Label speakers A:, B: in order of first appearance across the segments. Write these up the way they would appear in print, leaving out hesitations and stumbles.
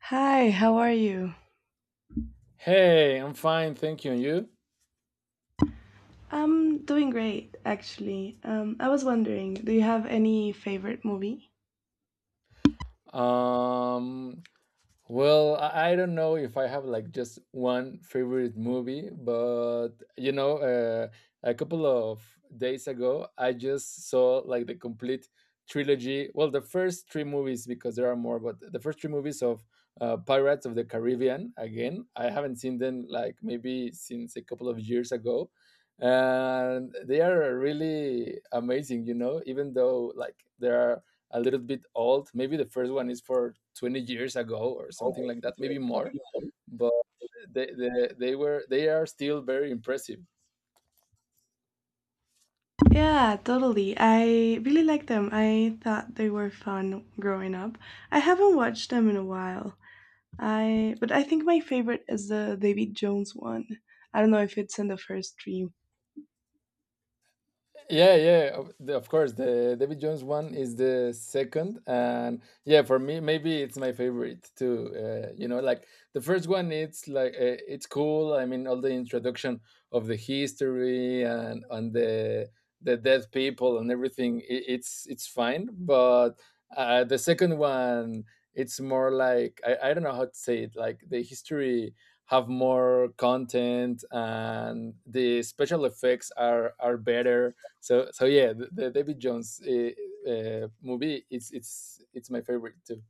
A: Hi, how are you?
B: Hey, I'm fine, thank you. And you?
A: I'm doing great, actually. I was wondering, do you have any favorite movie?
B: Um, well, I don't know if I have like just one favorite movie, but you know, a couple of days ago, I just saw like the complete trilogy. Well, the first three movies because there are more, but the first three movies of Pirates of the Caribbean. Again, I haven't seen them like maybe since a couple of years ago. And they are really amazing, you know, even though like there are a little bit old. Maybe the first one is for 20 years ago or something like that, maybe more. But they were they are still very impressive.
A: Yeah, totally. I really like them. I thought they were fun growing up. I haven't watched them in a while. I but I think my favorite is the David Jones one. I don't know if it's in the first stream.
B: Yeah, yeah, of course the David Jones one is the second, and yeah, for me maybe it's my favorite too. You know, like the first one, it's like, it's cool, I mean, all the introduction of the history and on the dead people and everything. I it's it's fine, but the second one, it's more like, I don't know how to say it, like the history have more content and the special effects are better. So yeah, the David Jones movie, it's it's my favorite too.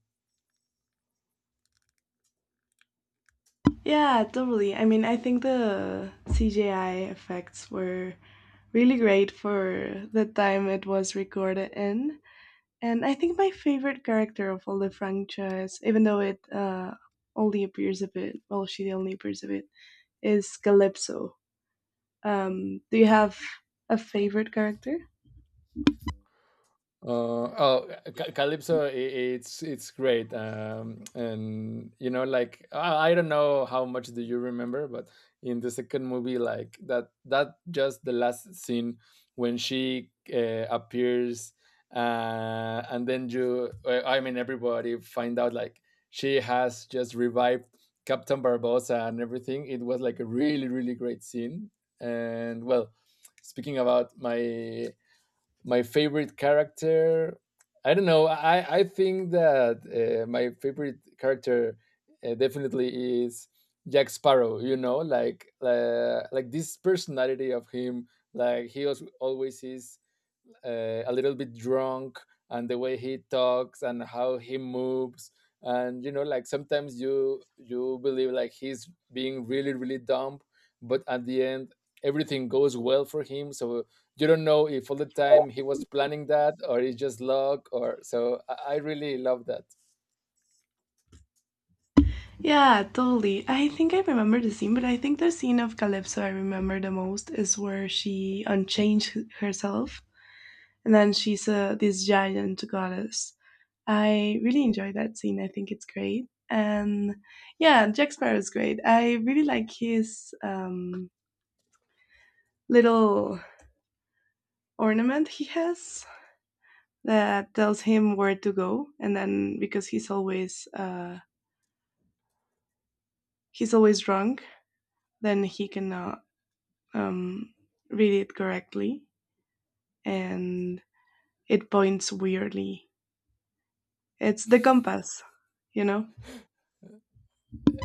A: Yeah, totally. I mean, I think the CGI effects were really great for the time it was recorded in. And I think my favorite character of all the franchise, even though it only appears a bit, well, she only appears a bit, is Calypso. Do you have a favorite character?
B: Uh, oh, Calypso, I it's great, and you know, like, I don't know how much do you remember, but in the second movie, like that just the last scene when she appears, and then you, I mean, everybody find out like she has just revived Captain Barbosa and everything. It was like a really really great scene, and well, speaking about my favorite character, I don't know, I think that my favorite character definitely is Jack Sparrow. You know, like, like this personality of him, like he was always is a little bit drunk, and the way he talks and how he moves, and you know, like sometimes you believe like he's being really really dumb, but at the end, everything goes well for him. So you don't know if all the time he was planning that or it's just luck or so. I really love that.
A: Yeah, totally. I think I remember the scene, but I think the scene of Calypso I remember the most is where she unchanged herself and then she's this giant goddess. I really enjoy that scene. I think it's great. And yeah, Jack Sparrow is great. I really like his little ornament he has that tells him where to go, and then because he's always drunk, then he cannot um, read it correctly, and it points weirdly. It's the compass, you know?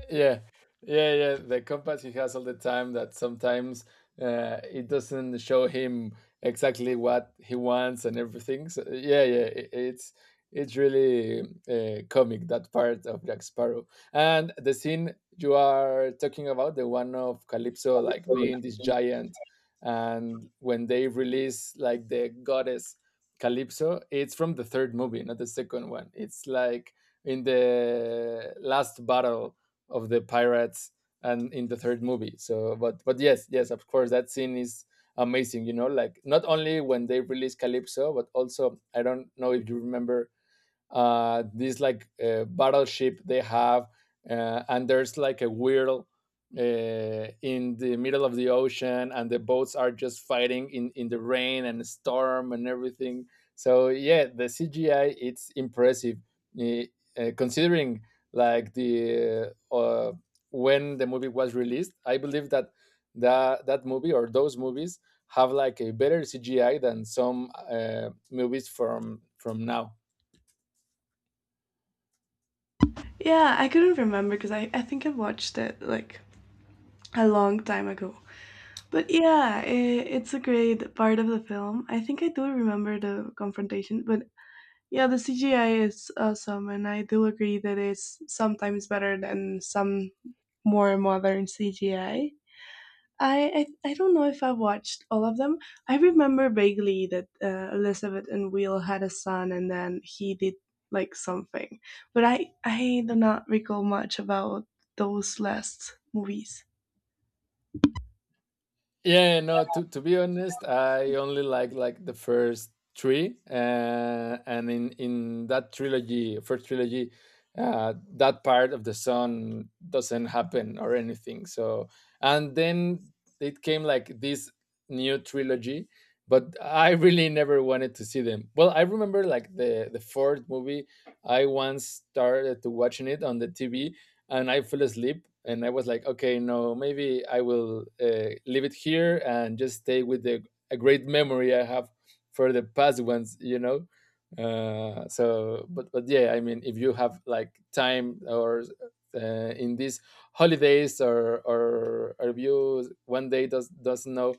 B: Yeah, yeah, yeah. The compass he has all the time that sometimes it doesn't show him exactly what he wants and everything. So yeah, yeah, it's it's really comic, that part of Jack Sparrow. And the scene you are talking about, the one of Calypso like being this giant, and when they release like the goddess Calypso, it's from the third movie, not the second one. It's like in the last battle of the pirates, and in the third movie. So, but yes, yes, of course, that scene is amazing. You know, like not only when they release Calypso, but also I don't know if you remember this like battleship they have, and there's like a whirl uh, in the middle of the ocean, and the boats are just fighting in the rain and storm and everything. So yeah, the CGI it's impressive, eh, considering like the when the movie was released. I believe that that movie or those movies have like a better CGI than some movies from now.
A: Yeah, I couldn't remember because I think I watched it like a long time ago, but yeah, I it's a great part of the film. I think I do remember the confrontation, but yeah, the CGI is awesome, and I do agree that it's sometimes better than some more modern CGI. I don't know if I've watched all of them. I remember vaguely that Elizabeth and Will had a son, and then he did like something, but I do not recall much about those last movies.
B: Yeah, yeah, no, to be honest, I only like the first three. And in that trilogy, first trilogy, that part of the sun doesn't happen or anything. So, and then it came like this new trilogy, but I really never wanted to see them. Well, I remember like the fourth movie, I once started to watching it on the TV and I fell asleep. And I was like, okay, no, maybe I will leave it here and just stay with the a great memory I have for the past ones, you know. So, but yeah, I mean, if you have like time or in these holidays, or if you one day does doesn't know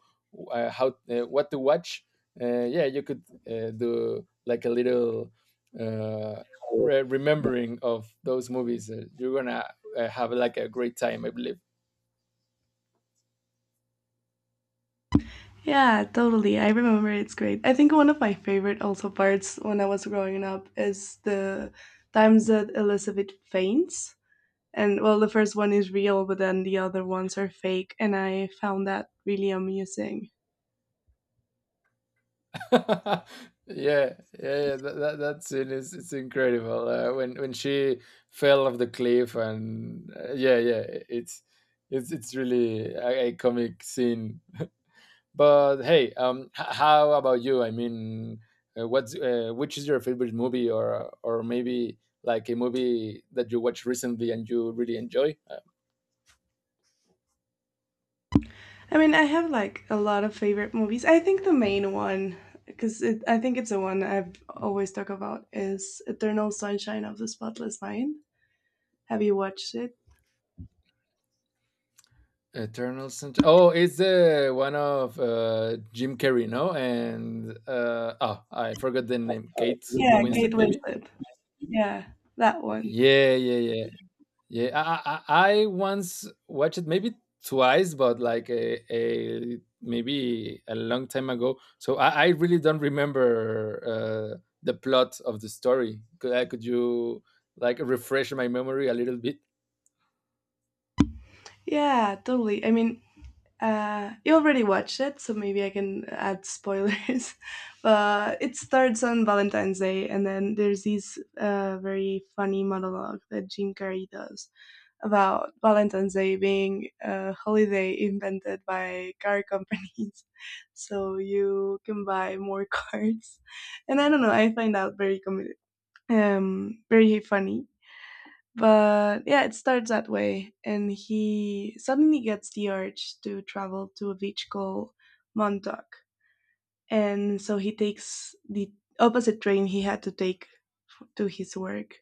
B: how what to watch, yeah, you could do like a little. Uh, Remembering of those movies, you're gonna have like a great time, I believe.
A: Yeah, totally. I remember it's great. I think one of my favorite also parts when I was growing up is the times that Elizabeth faints. And well, the first one is real, but then the other ones are fake. And I found that really amusing.
B: Yeah, yeah, yeah, that that scene is it's incredible. When she fell off the cliff and yeah, yeah, it's it's really a comic scene. But hey, how about you? I mean, what's which is your favorite movie, or maybe like a movie that you watched recently and you really enjoy?
A: I mean, I have like a lot of favorite movies. I think the main one, because it, I think it's the one I've always talk about, is Eternal Sunshine of the Spotless Mind. Have you watched it?
B: Eternal Sunshine. Oh, it's the one of Jim Carrey, no? And oh, I forgot the name. Kate
A: Yeah, Kate
B: Winslet, maybe.
A: Winslet. Yeah, that one.
B: Yeah, yeah, yeah. Yeah, I once watched it maybe twice, but like a maybe a long time ago. So I really don't remember the plot of the story. Could you like refresh my memory a little bit?
A: Yeah, totally. I mean, uh, you already watched it, so maybe I can add spoilers. But it starts on Valentine's Day, and then there's this very funny monologue that Jim Carrey does about Valentine's Day being a holiday invented by car companies, so you can buy more cards. And I don't know, I find that very very funny. But yeah, it starts that way, and he suddenly gets the urge to travel to a beach called Montauk, and so he takes the opposite train he had to take to his work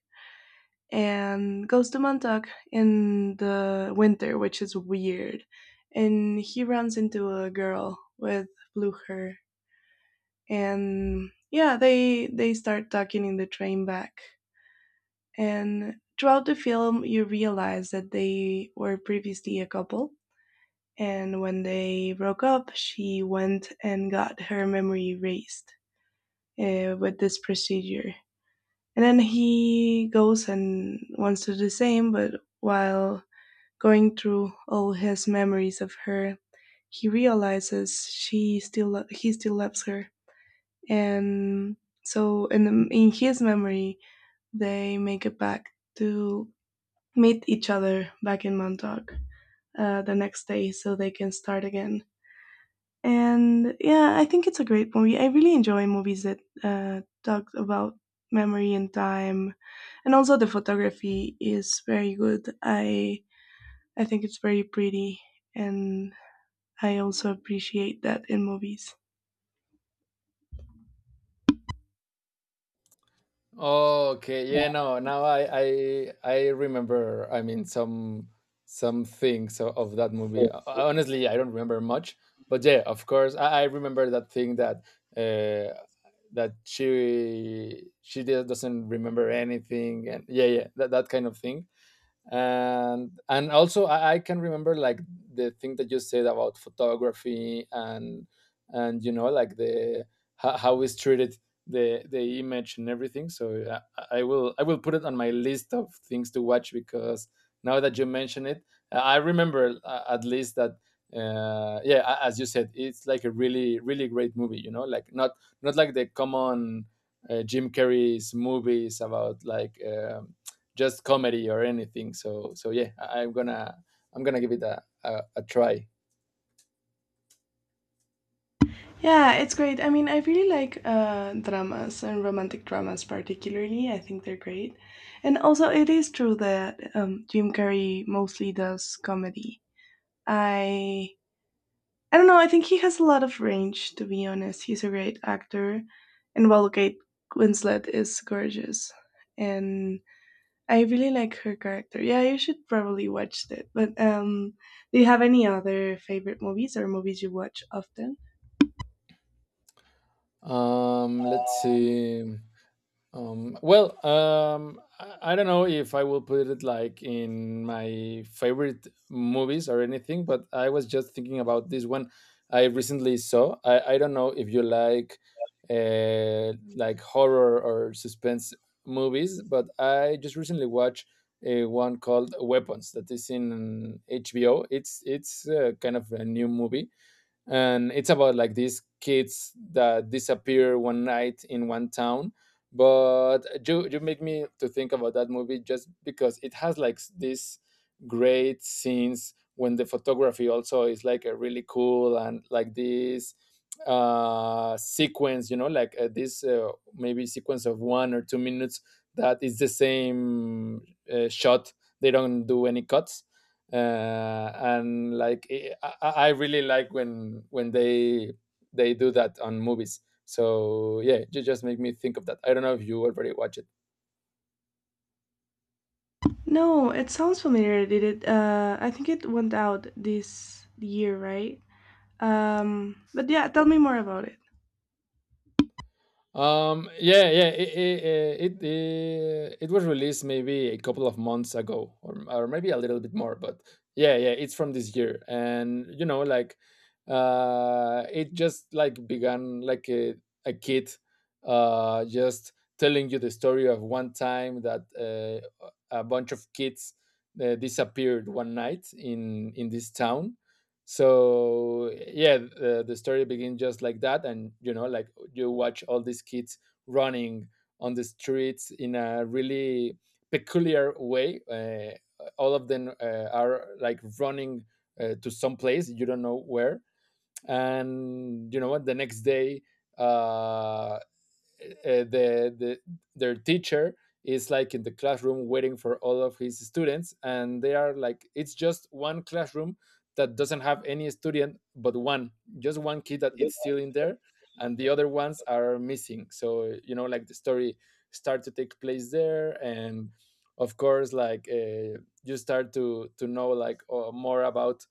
A: and goes to Montauk in the winter, which is weird. And he runs into a girl with blue hair, and yeah, they start talking in the train back, and throughout the film, you realize that they were previously a couple. And when they broke up, she went and got her memory erased with this procedure. And then he goes and wants to do the same, but while going through all his memories of her, he realizes she still he still loves her. And so in the, in his memory, they make a pact to meet each other back in Montauk the next day so they can start again. And yeah, I think it's a great movie. I really enjoy movies that talk about memory and time, and also the photography is very good. I think it's very pretty, and I also appreciate that in movies.
B: Okay, yeah, no, now I remember. I mean, some things of that movie. Honestly, I don't remember much, but yeah, of course, I remember that thing that uh, that she just doesn't remember anything, and yeah, yeah, that kind of thing. And also I can remember like the thing that you said about photography, and you know like the how is treated the image and everything. So yeah, I will put it on my list of things to watch, because now that you mention it, I remember at least that yeah, as you said, it's like a really really great movie. You know, like not not like the common Jim Carrey's movies about like just comedy or anything. So yeah, I'm gonna I'm gonna give it a try.
A: Yeah, it's great. I mean, I really like dramas and romantic dramas, particularly. I think they're great. And also, it is true that Jim Carrey mostly does comedy. I I don't know. I think he has a lot of range. To be honest, he's a great actor, and while Kate Winslet is gorgeous, and I really like her character. Yeah, you should probably watch it. But do you have any other favorite movies or movies you watch often?
B: Let's see. Well, I don't know if I will put it like in my favorite movies or anything, but I was just thinking about this one I recently saw. I don't know if you like horror or suspense movies, but I just recently watched a one called Weapons that is in HBO. It's kind of a new movie, and it's about like these kids that disappear one night in one town. But you make me to think about that movie just because it has like these great scenes when the photography also is like a really cool, and like this sequence, you know, like this maybe sequence of one or two minutes that is the same shot, they don't do any cuts. And like I really like when they do that on movies. So yeah, you just make me think of that. I don't know if you already watched it.
A: No, it sounds familiar. Did it? I think it went out this year, right? But yeah, tell me more about it.
B: Yeah, yeah, it was released maybe a couple of months ago, or maybe a little bit more. But yeah, yeah, it's from this year, and you know, like, it just like began like a kid, just telling you the story of one time that a bunch of kids disappeared one night in this town. So yeah, the story begins just like that, and you know, like you watch all these kids running on the streets in a really peculiar way. All of them are like running to some place you don't know where, and you know what? The next day, uh, uh, uh, the, the their teacher is like in the classroom waiting for all of his students, and they are like it's just one classroom that doesn't have any student but one, just one kid that it's still in there. And the other ones are missing, so you know, like the story start to take place there. And of course, like you start to know, like more about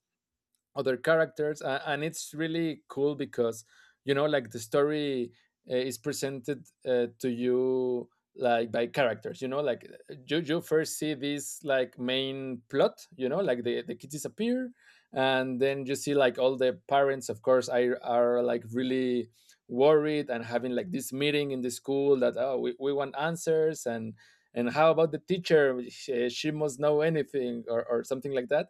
B: other characters. And it's really cool because you know, like the story is presented to you like by characters. You know, like you first see this like main plot. You know, like the kids disappear. And then you see like all the parents of course are like really worried and having like this meeting in the school, that oh, we want answers. And how about the teacher? She must know anything, or something like that.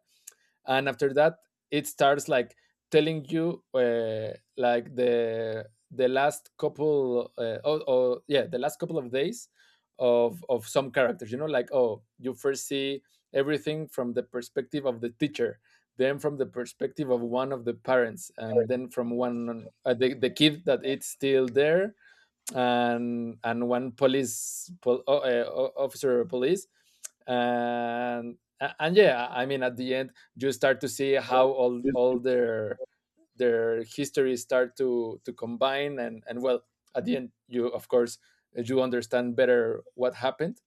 B: And after that, it starts like telling you, like the last couple of days of some characters. You know, like oh, you first see everything from the perspective of the teacher, then from the perspective of one of the parents, and then from the kid that it's still there. And one officer of police. And yeah, I mean, at the end you start to see how all
A: Yes.
B: all their histories start to combine. And well, at the end, you of course you understand better what happened.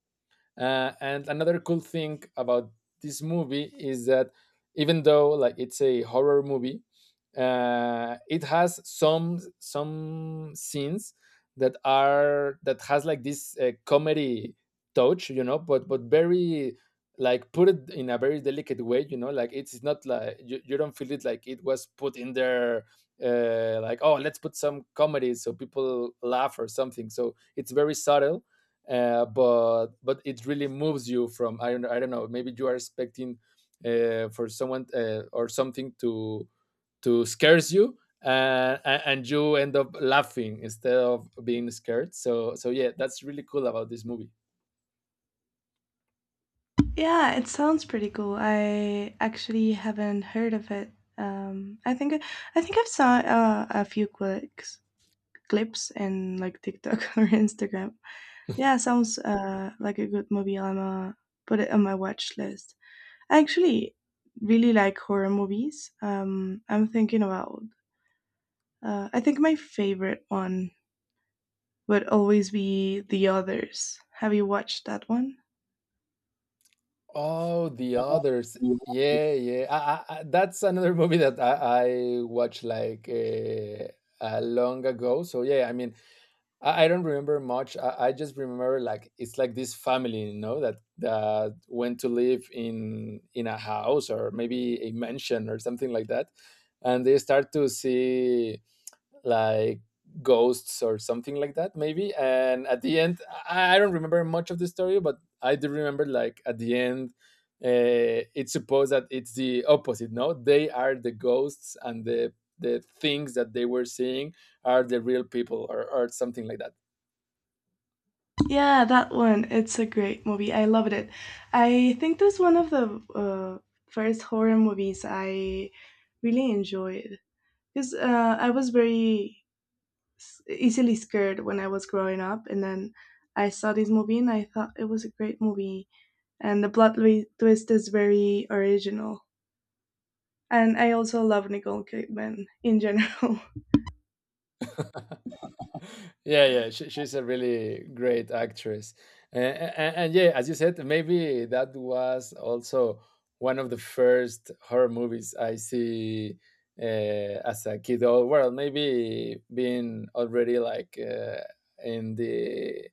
B: And another cool thing about this movie is that even though like it's a horror movie, it has some scenes that has like this comedy touch, you know, but very like put it in a very delicate way. You know, like it's not like you don't feel it like it was put in there like oh, let's put some comedy so people laugh or something. So it's very subtle, but it really moves you from I don't know. Maybe you are expecting for someone or something to scares you, and you end up laughing instead of being scared. So yeah, that's really cool about this movie.
A: Yeah, it sounds pretty cool. I actually haven't heard of it. Um, I think I think I've saw a few clips in like TikTok or Instagram. Yeah, sounds like a good movie. I'm Put it on my watch list. I actually really like horror movies. I'm thinking about uh, I think my favorite one would always be The Others. Have you watched that one?
B: Oh, the others. Yeah, yeah, that's another movie that I watched like long ago. So yeah, I mean, I don't remember much. I just remember like it's like this family, you know, that went to live in a house or maybe a mansion or something like that. And they start to see like ghosts or something like that, maybe. And at the end, I don't remember much of the story, but I do remember like at the end. It's supposed that it's the opposite. No, they are the ghosts, and the things that they were seeing are the real people, or something like that.
A: Yeah, that one. It's a great movie. I loved it. I think that's one of the first horror movies I really enjoyed. Because I was very easily scared when I was growing up, and then I saw this movie and I thought it was a great movie. And the plot twist is very original. And I also love Nicole Kidman in general.
B: Yeah, yeah. She's a really great actress. Yeah, as you said, maybe that was also one of the first horror movies I see, as a kid. Or well, maybe being already like, in the,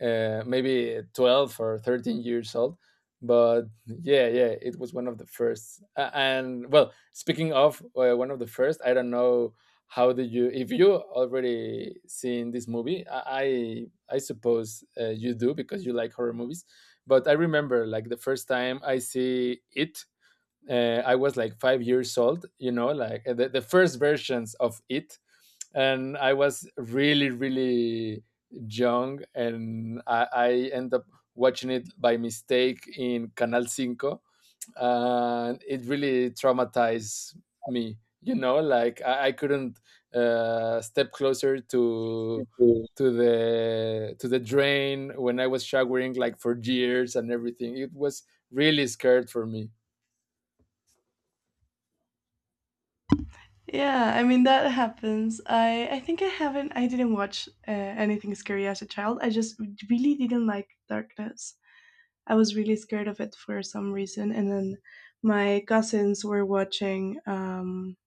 B: maybe 12 or 13 years old. But yeah, yeah, it was one of the first. And well, speaking of, one of the first, I don't know how did you, if you already seen this movie, I suppose you do because you like horror movies. But I remember like the first time I see it, I was like 5 years old. You know, like the first versions of it. And I was really, really young, and I end up watching it by mistake in Canal Cinco. And it really traumatized me. You know, like I couldn't step closer to the drain when I was showering, like for years and everything. It was really scared for me.
A: Yeah, I mean that happens. I think I haven't. I didn't watch anything scary as a child. I just really didn't like darkness. I was really scared of it for some reason. And then my cousins were watching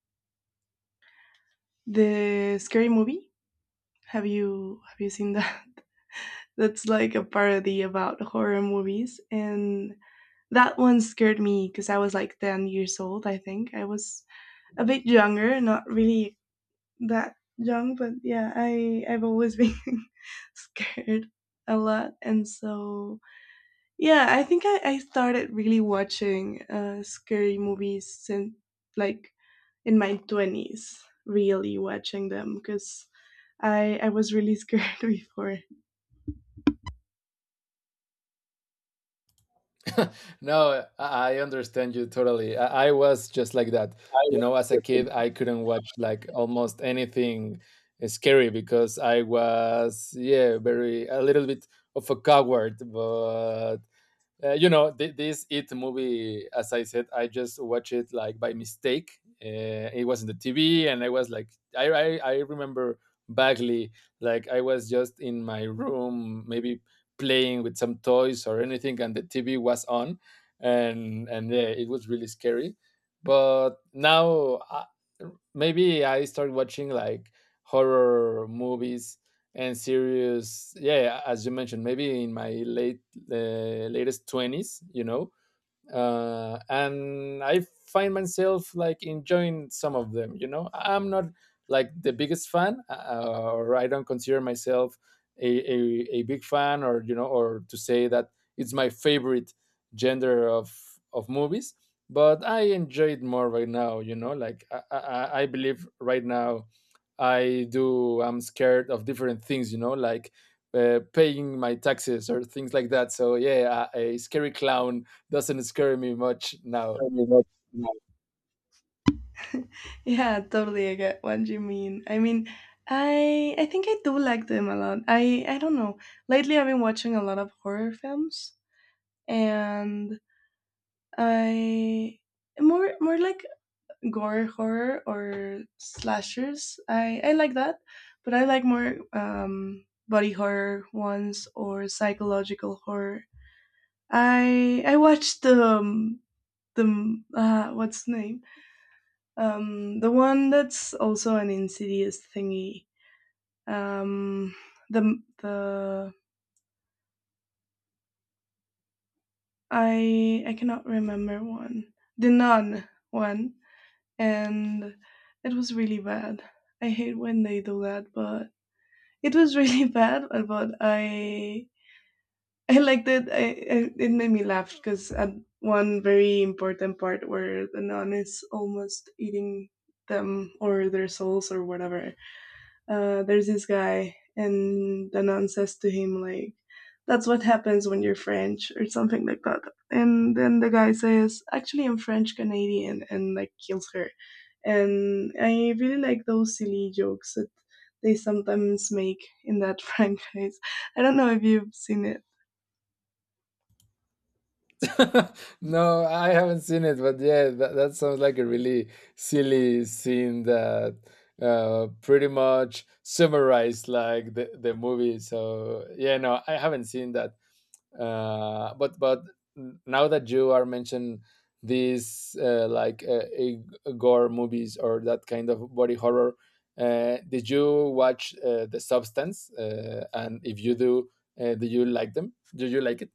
A: the scary movie. Have you seen that? That's like a parody about horror movies, and that one scared me because I was like 10 years old. I think I was a bit younger, not really that young, but yeah, I I've always been scared a lot, and so yeah, I think I started really watching scary movies since like in my twenties, really watching them because I was really scared before.
B: No, I understand you totally. I was just like that. You know, as a kid, I couldn't watch like almost anything scary because I was, yeah, very, a little bit of a coward. But you know, this It movie, as I said, I just watched it like by mistake. It was in the TV, and I was like, I, I, I remember vaguely, like I was just in my room, maybe playing with some toys or anything, and the TV was on. And yeah, it was really scary. But now, maybe I start watching like horror movies and serious. Yeah, as you mentioned, maybe in my late the latest 20s, you know. And I find myself like enjoying some of them. You know, I'm not like the biggest fan, or I don't consider myself a, a, a big fan. Or you know, or to say that it's my favorite gender of movies. But I enjoy it more right now. You know, like I believe right now. I do. I'm scared of different things, you know, like paying my taxes or things like that. So yeah, a scary clown doesn't scare me much now.
A: Totally. Yeah, totally. I get what you mean. I mean, I think I do like them a lot. I don't know. Lately, I've been watching a lot of horror films, and I more like gore horror or slashers. I like that, but I like more body horror ones or psychological horror. I watched the what's the name the one that's also an insidious thingy, um the I cannot remember one, the nun one, and it was really bad. I hate when they do that, but it was really bad. But I liked it. I, it made me laugh because at one very important part where the nun is almost eating them or their souls or whatever. There's this guy, and the nun says to him like, "That's what happens when you're French," or something like that. And then the guy says, "Actually, I'm French Canadian," and like kills her, and I really like those silly jokes that they sometimes make in that franchise. I don't know if you've seen it.
B: No, I haven't seen it. But yeah, that sounds like a really silly scene that pretty much summarized like the movie. So yeah, no, I haven't seen that. But now that you are mentioning these, like gore movies or that kind of body horror. Did you watch the substance? And if you do, do you like them do you like it?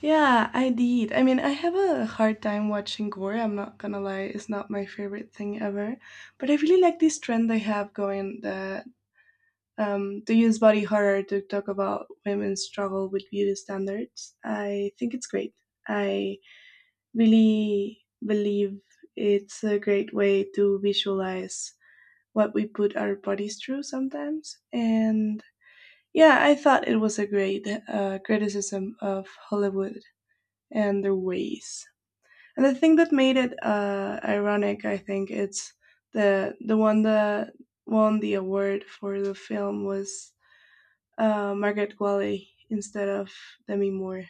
A: Yeah, I did. I mean, I have a hard time watching gore. I'm not gonna lie; it's not my favorite thing ever. But I really like this trend they have going that they use body horror to talk about women's struggle with beauty standards. I think it's great. I really believe it's a great way to visualize what we put our bodies through sometimes. And yeah, I thought it was a great criticism of Hollywood and their ways. And the thing that made it ironic, I think, it's the one that won the award for the film was Margaret Qualley instead of Demi Moore.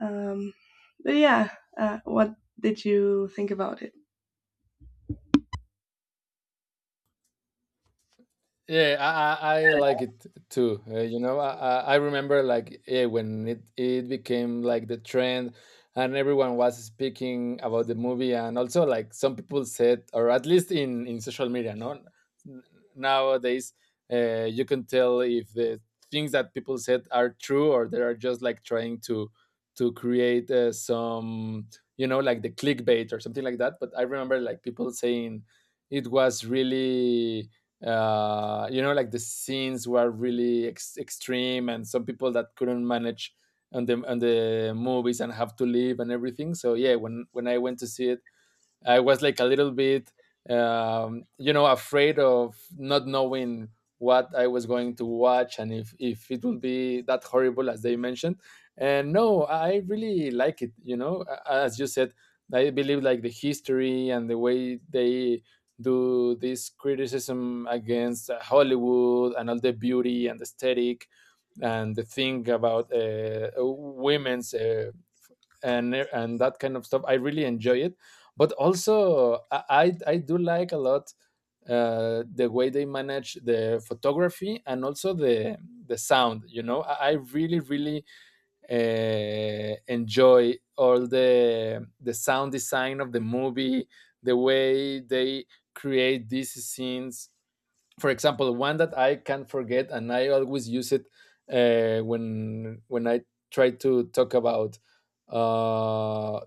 A: Um, but yeah, what did you think about it?
B: Yeah, I like it too. You know, I remember, like yeah, when it became like the trend, and everyone was speaking about the movie. And also like some people said, or at least in social media, no? N- Nowadays, you can tell if the things that people said are true, or they are just like trying to create some, you know, like the clickbait or something like that. But I remember like people saying it was really, you know, like the scenes were really extreme, and some people that couldn't manage on the movies and have to leave and everything. So yeah, when I went to see it, I was like a little bit, you know, afraid of not knowing what I was going to watch, and if it would be that horrible as they mentioned. And no, I really like it. You know, as you said, I believe like the history, and the way they do this criticism against, Hollywood and all the beauty and aesthetic, and the thing about women's, and that kind of stuff. I really enjoy it. But also I do like a lot, the way they manage the photography, and also the sound. You know, I really, really enjoy all the sound design of the movie, the way they create these scenes. For example, one that I can't forget, and I always use it when I try to talk about, uh,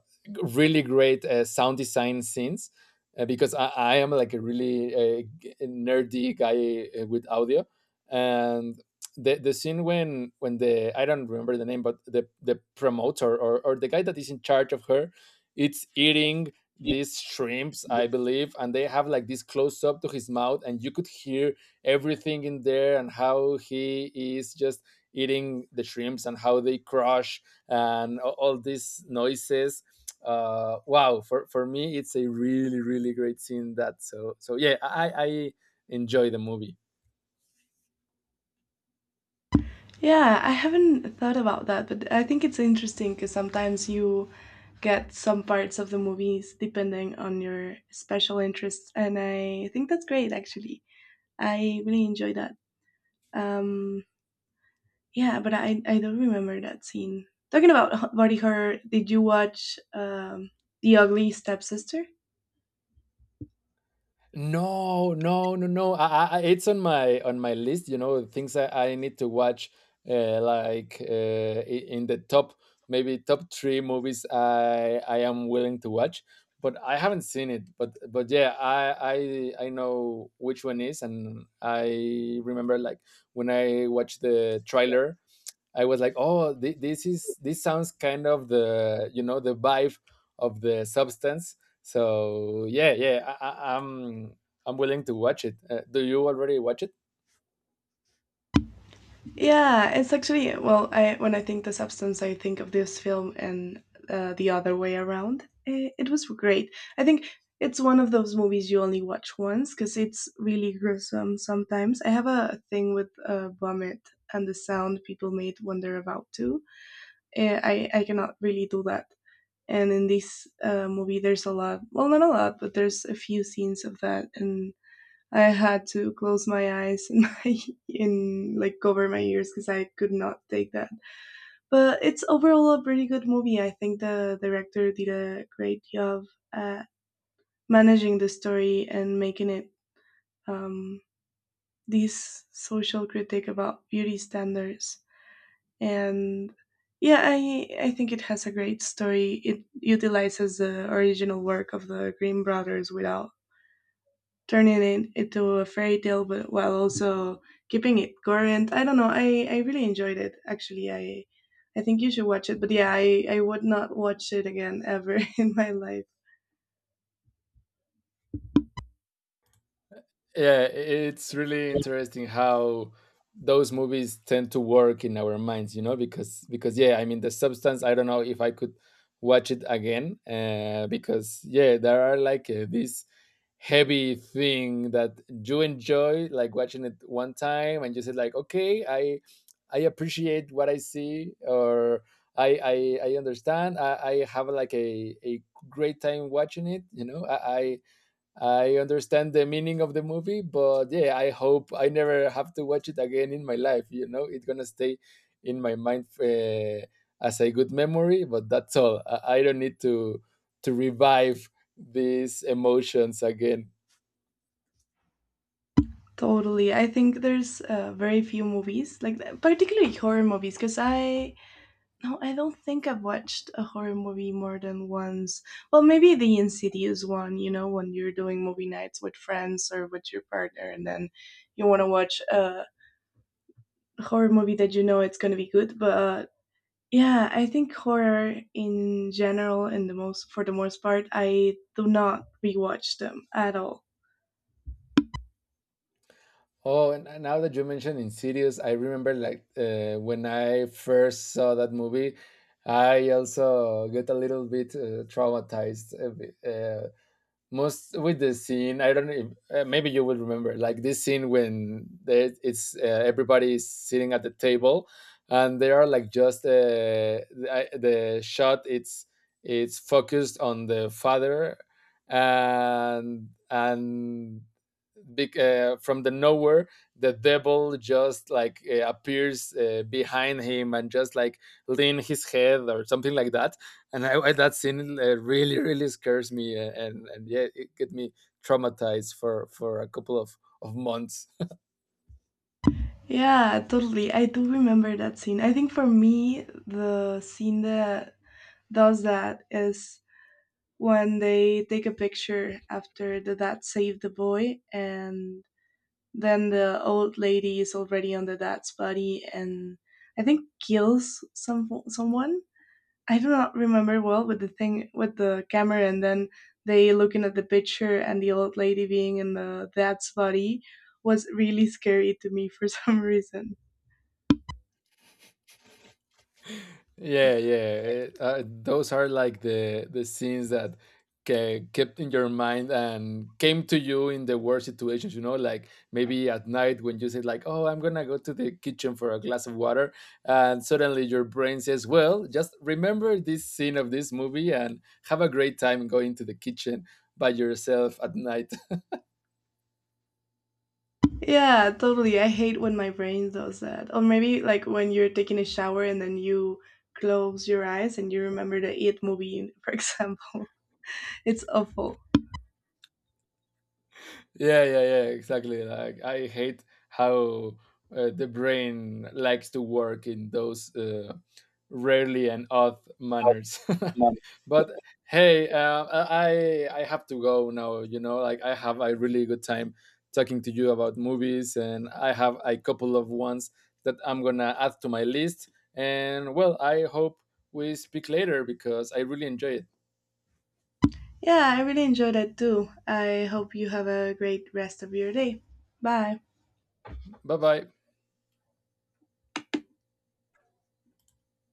B: really great sound design scenes, because I am like a really, nerdy guy with audio. And the scene when the, I don't remember the name, but the promoter, or the guy that is in charge of her, it's eating these shrimps, I believe, and they have like this close up to his mouth, and you could hear everything in there, and how he is just eating the shrimps, and how they crush, and all these noises. Wow, for me, it's a really, really great scene. That, so yeah, I enjoy the movie.
A: Yeah, I haven't thought about that, but I think it's interesting because sometimes you get some parts of the movies depending on your special interests, and I think that's great. Actually, I really enjoy that. um yeah, but I don't remember that scene. Talking about body horror, did you watch The Ugly Stepsister?
B: No, no, no, no. It's on my list. You know, things I need to watch. Like in the top, maybe top three movies I am willing to watch. But I haven't seen it. But yeah, I know which one is, and I remember like when I watched the trailer. I was like, oh, this sounds kind of the, you know, the vibe of the substance. So yeah, yeah, I'm willing to watch it. Do you already watch it?
A: Yeah, it's actually well. I when I think the substance, I think of this film and the other way around. Eh, it was great. I think it's one of those movies you only watch once because it's really gruesome sometimes. I have a thing with vomit and the sound people made when they're about to. Eh, I cannot really do that. And in this movie, there's a lot. Well, not a lot, but there's a few scenes of that, and I had to close my eyes and my and like cover my ears because I could not take that. But it's overall a pretty good movie. I think the director did a great job at managing the story and making it um, this social critique about beauty standards. And yeah, I think it has a great story. It utilizes the original work of the Green Brothers without turning it into a fairy tale, but while also keeping it current. I don't know. I really enjoyed it. Actually, I think you should watch it. But yeah, I would not watch it again ever in my life.
B: Yeah, it's really interesting how those movies tend to work in our minds, you know, because yeah, I mean the substance. I don't know if I could watch it again, because yeah, there are like these heavy thing that you enjoy like watching it one time, and you said like okay, I appreciate what I see. Or I understand. I have like a great time watching it, you know. I understand the meaning of the movie. But yeah, I hope I never have to watch it again in my life. You know, it's gonna stay in my mind, as a good memory. But that's all. I don't need to revive these emotions again.
A: Totally. I think there's very few movies like that, particularly horror movies. Cause I no, I don't think I've watched a horror movie more than once. Well, maybe the Insidious one. You know, when you're doing movie nights with friends or with your partner, and then you want to watch a horror movie that you know it's going to be good, but yeah, I think horror in general and the most for the most part, I do not rewatch them at all.
B: Oh, and now that you mentioned Insidious, I remember, like when I first saw that movie, I also get a little bit, traumatized. A bit. Most with the scene, I don't know. If, maybe you will remember, like this scene when it's, everybody is sitting at the table, and they are like just, the shot. It's focused on the father, and big, from the nowhere, the devil just like appears behind him, and just like lean his head or something like that. And that scene, really, really scares me, and yeah, it get me traumatized for a couple of months.
A: Yeah, totally, I do remember that scene. I think for me the scene that does that is when they take a picture after the dad saved the boy, and then the old lady is already on the dad's body and I think kills someone. I do not remember well with the thing with the camera, and then they looking at the picture and the old lady being in the dad's body was really scary to me for some reason.
B: Yeah, yeah. Those are like the scenes that kept in your mind and came to you in the worst situations. You know, like maybe at night when you said like, "Oh, I'm gonna go to the kitchen for a glass of water," and suddenly your brain says, "Well, just remember this scene of this movie and have a great time going to the kitchen by yourself at night."
A: Yeah, totally. I hate when my brain does that. Or maybe like when you're taking a shower and then you close your eyes and you remember the It movie, for example. It's awful.
B: Yeah, yeah, yeah, exactly. Like I hate how, the brain likes to work in those, rarely and odd manners. But hey, I have to go now. You know, like I have a really good time talking to you about movies, and I have a couple of ones that I'm gonna add to my list. And well, I hope we speak later because I really enjoy it.
A: Yeah, I really enjoyed it too. I hope you have a great rest of your day. Bye.
B: Bye bye.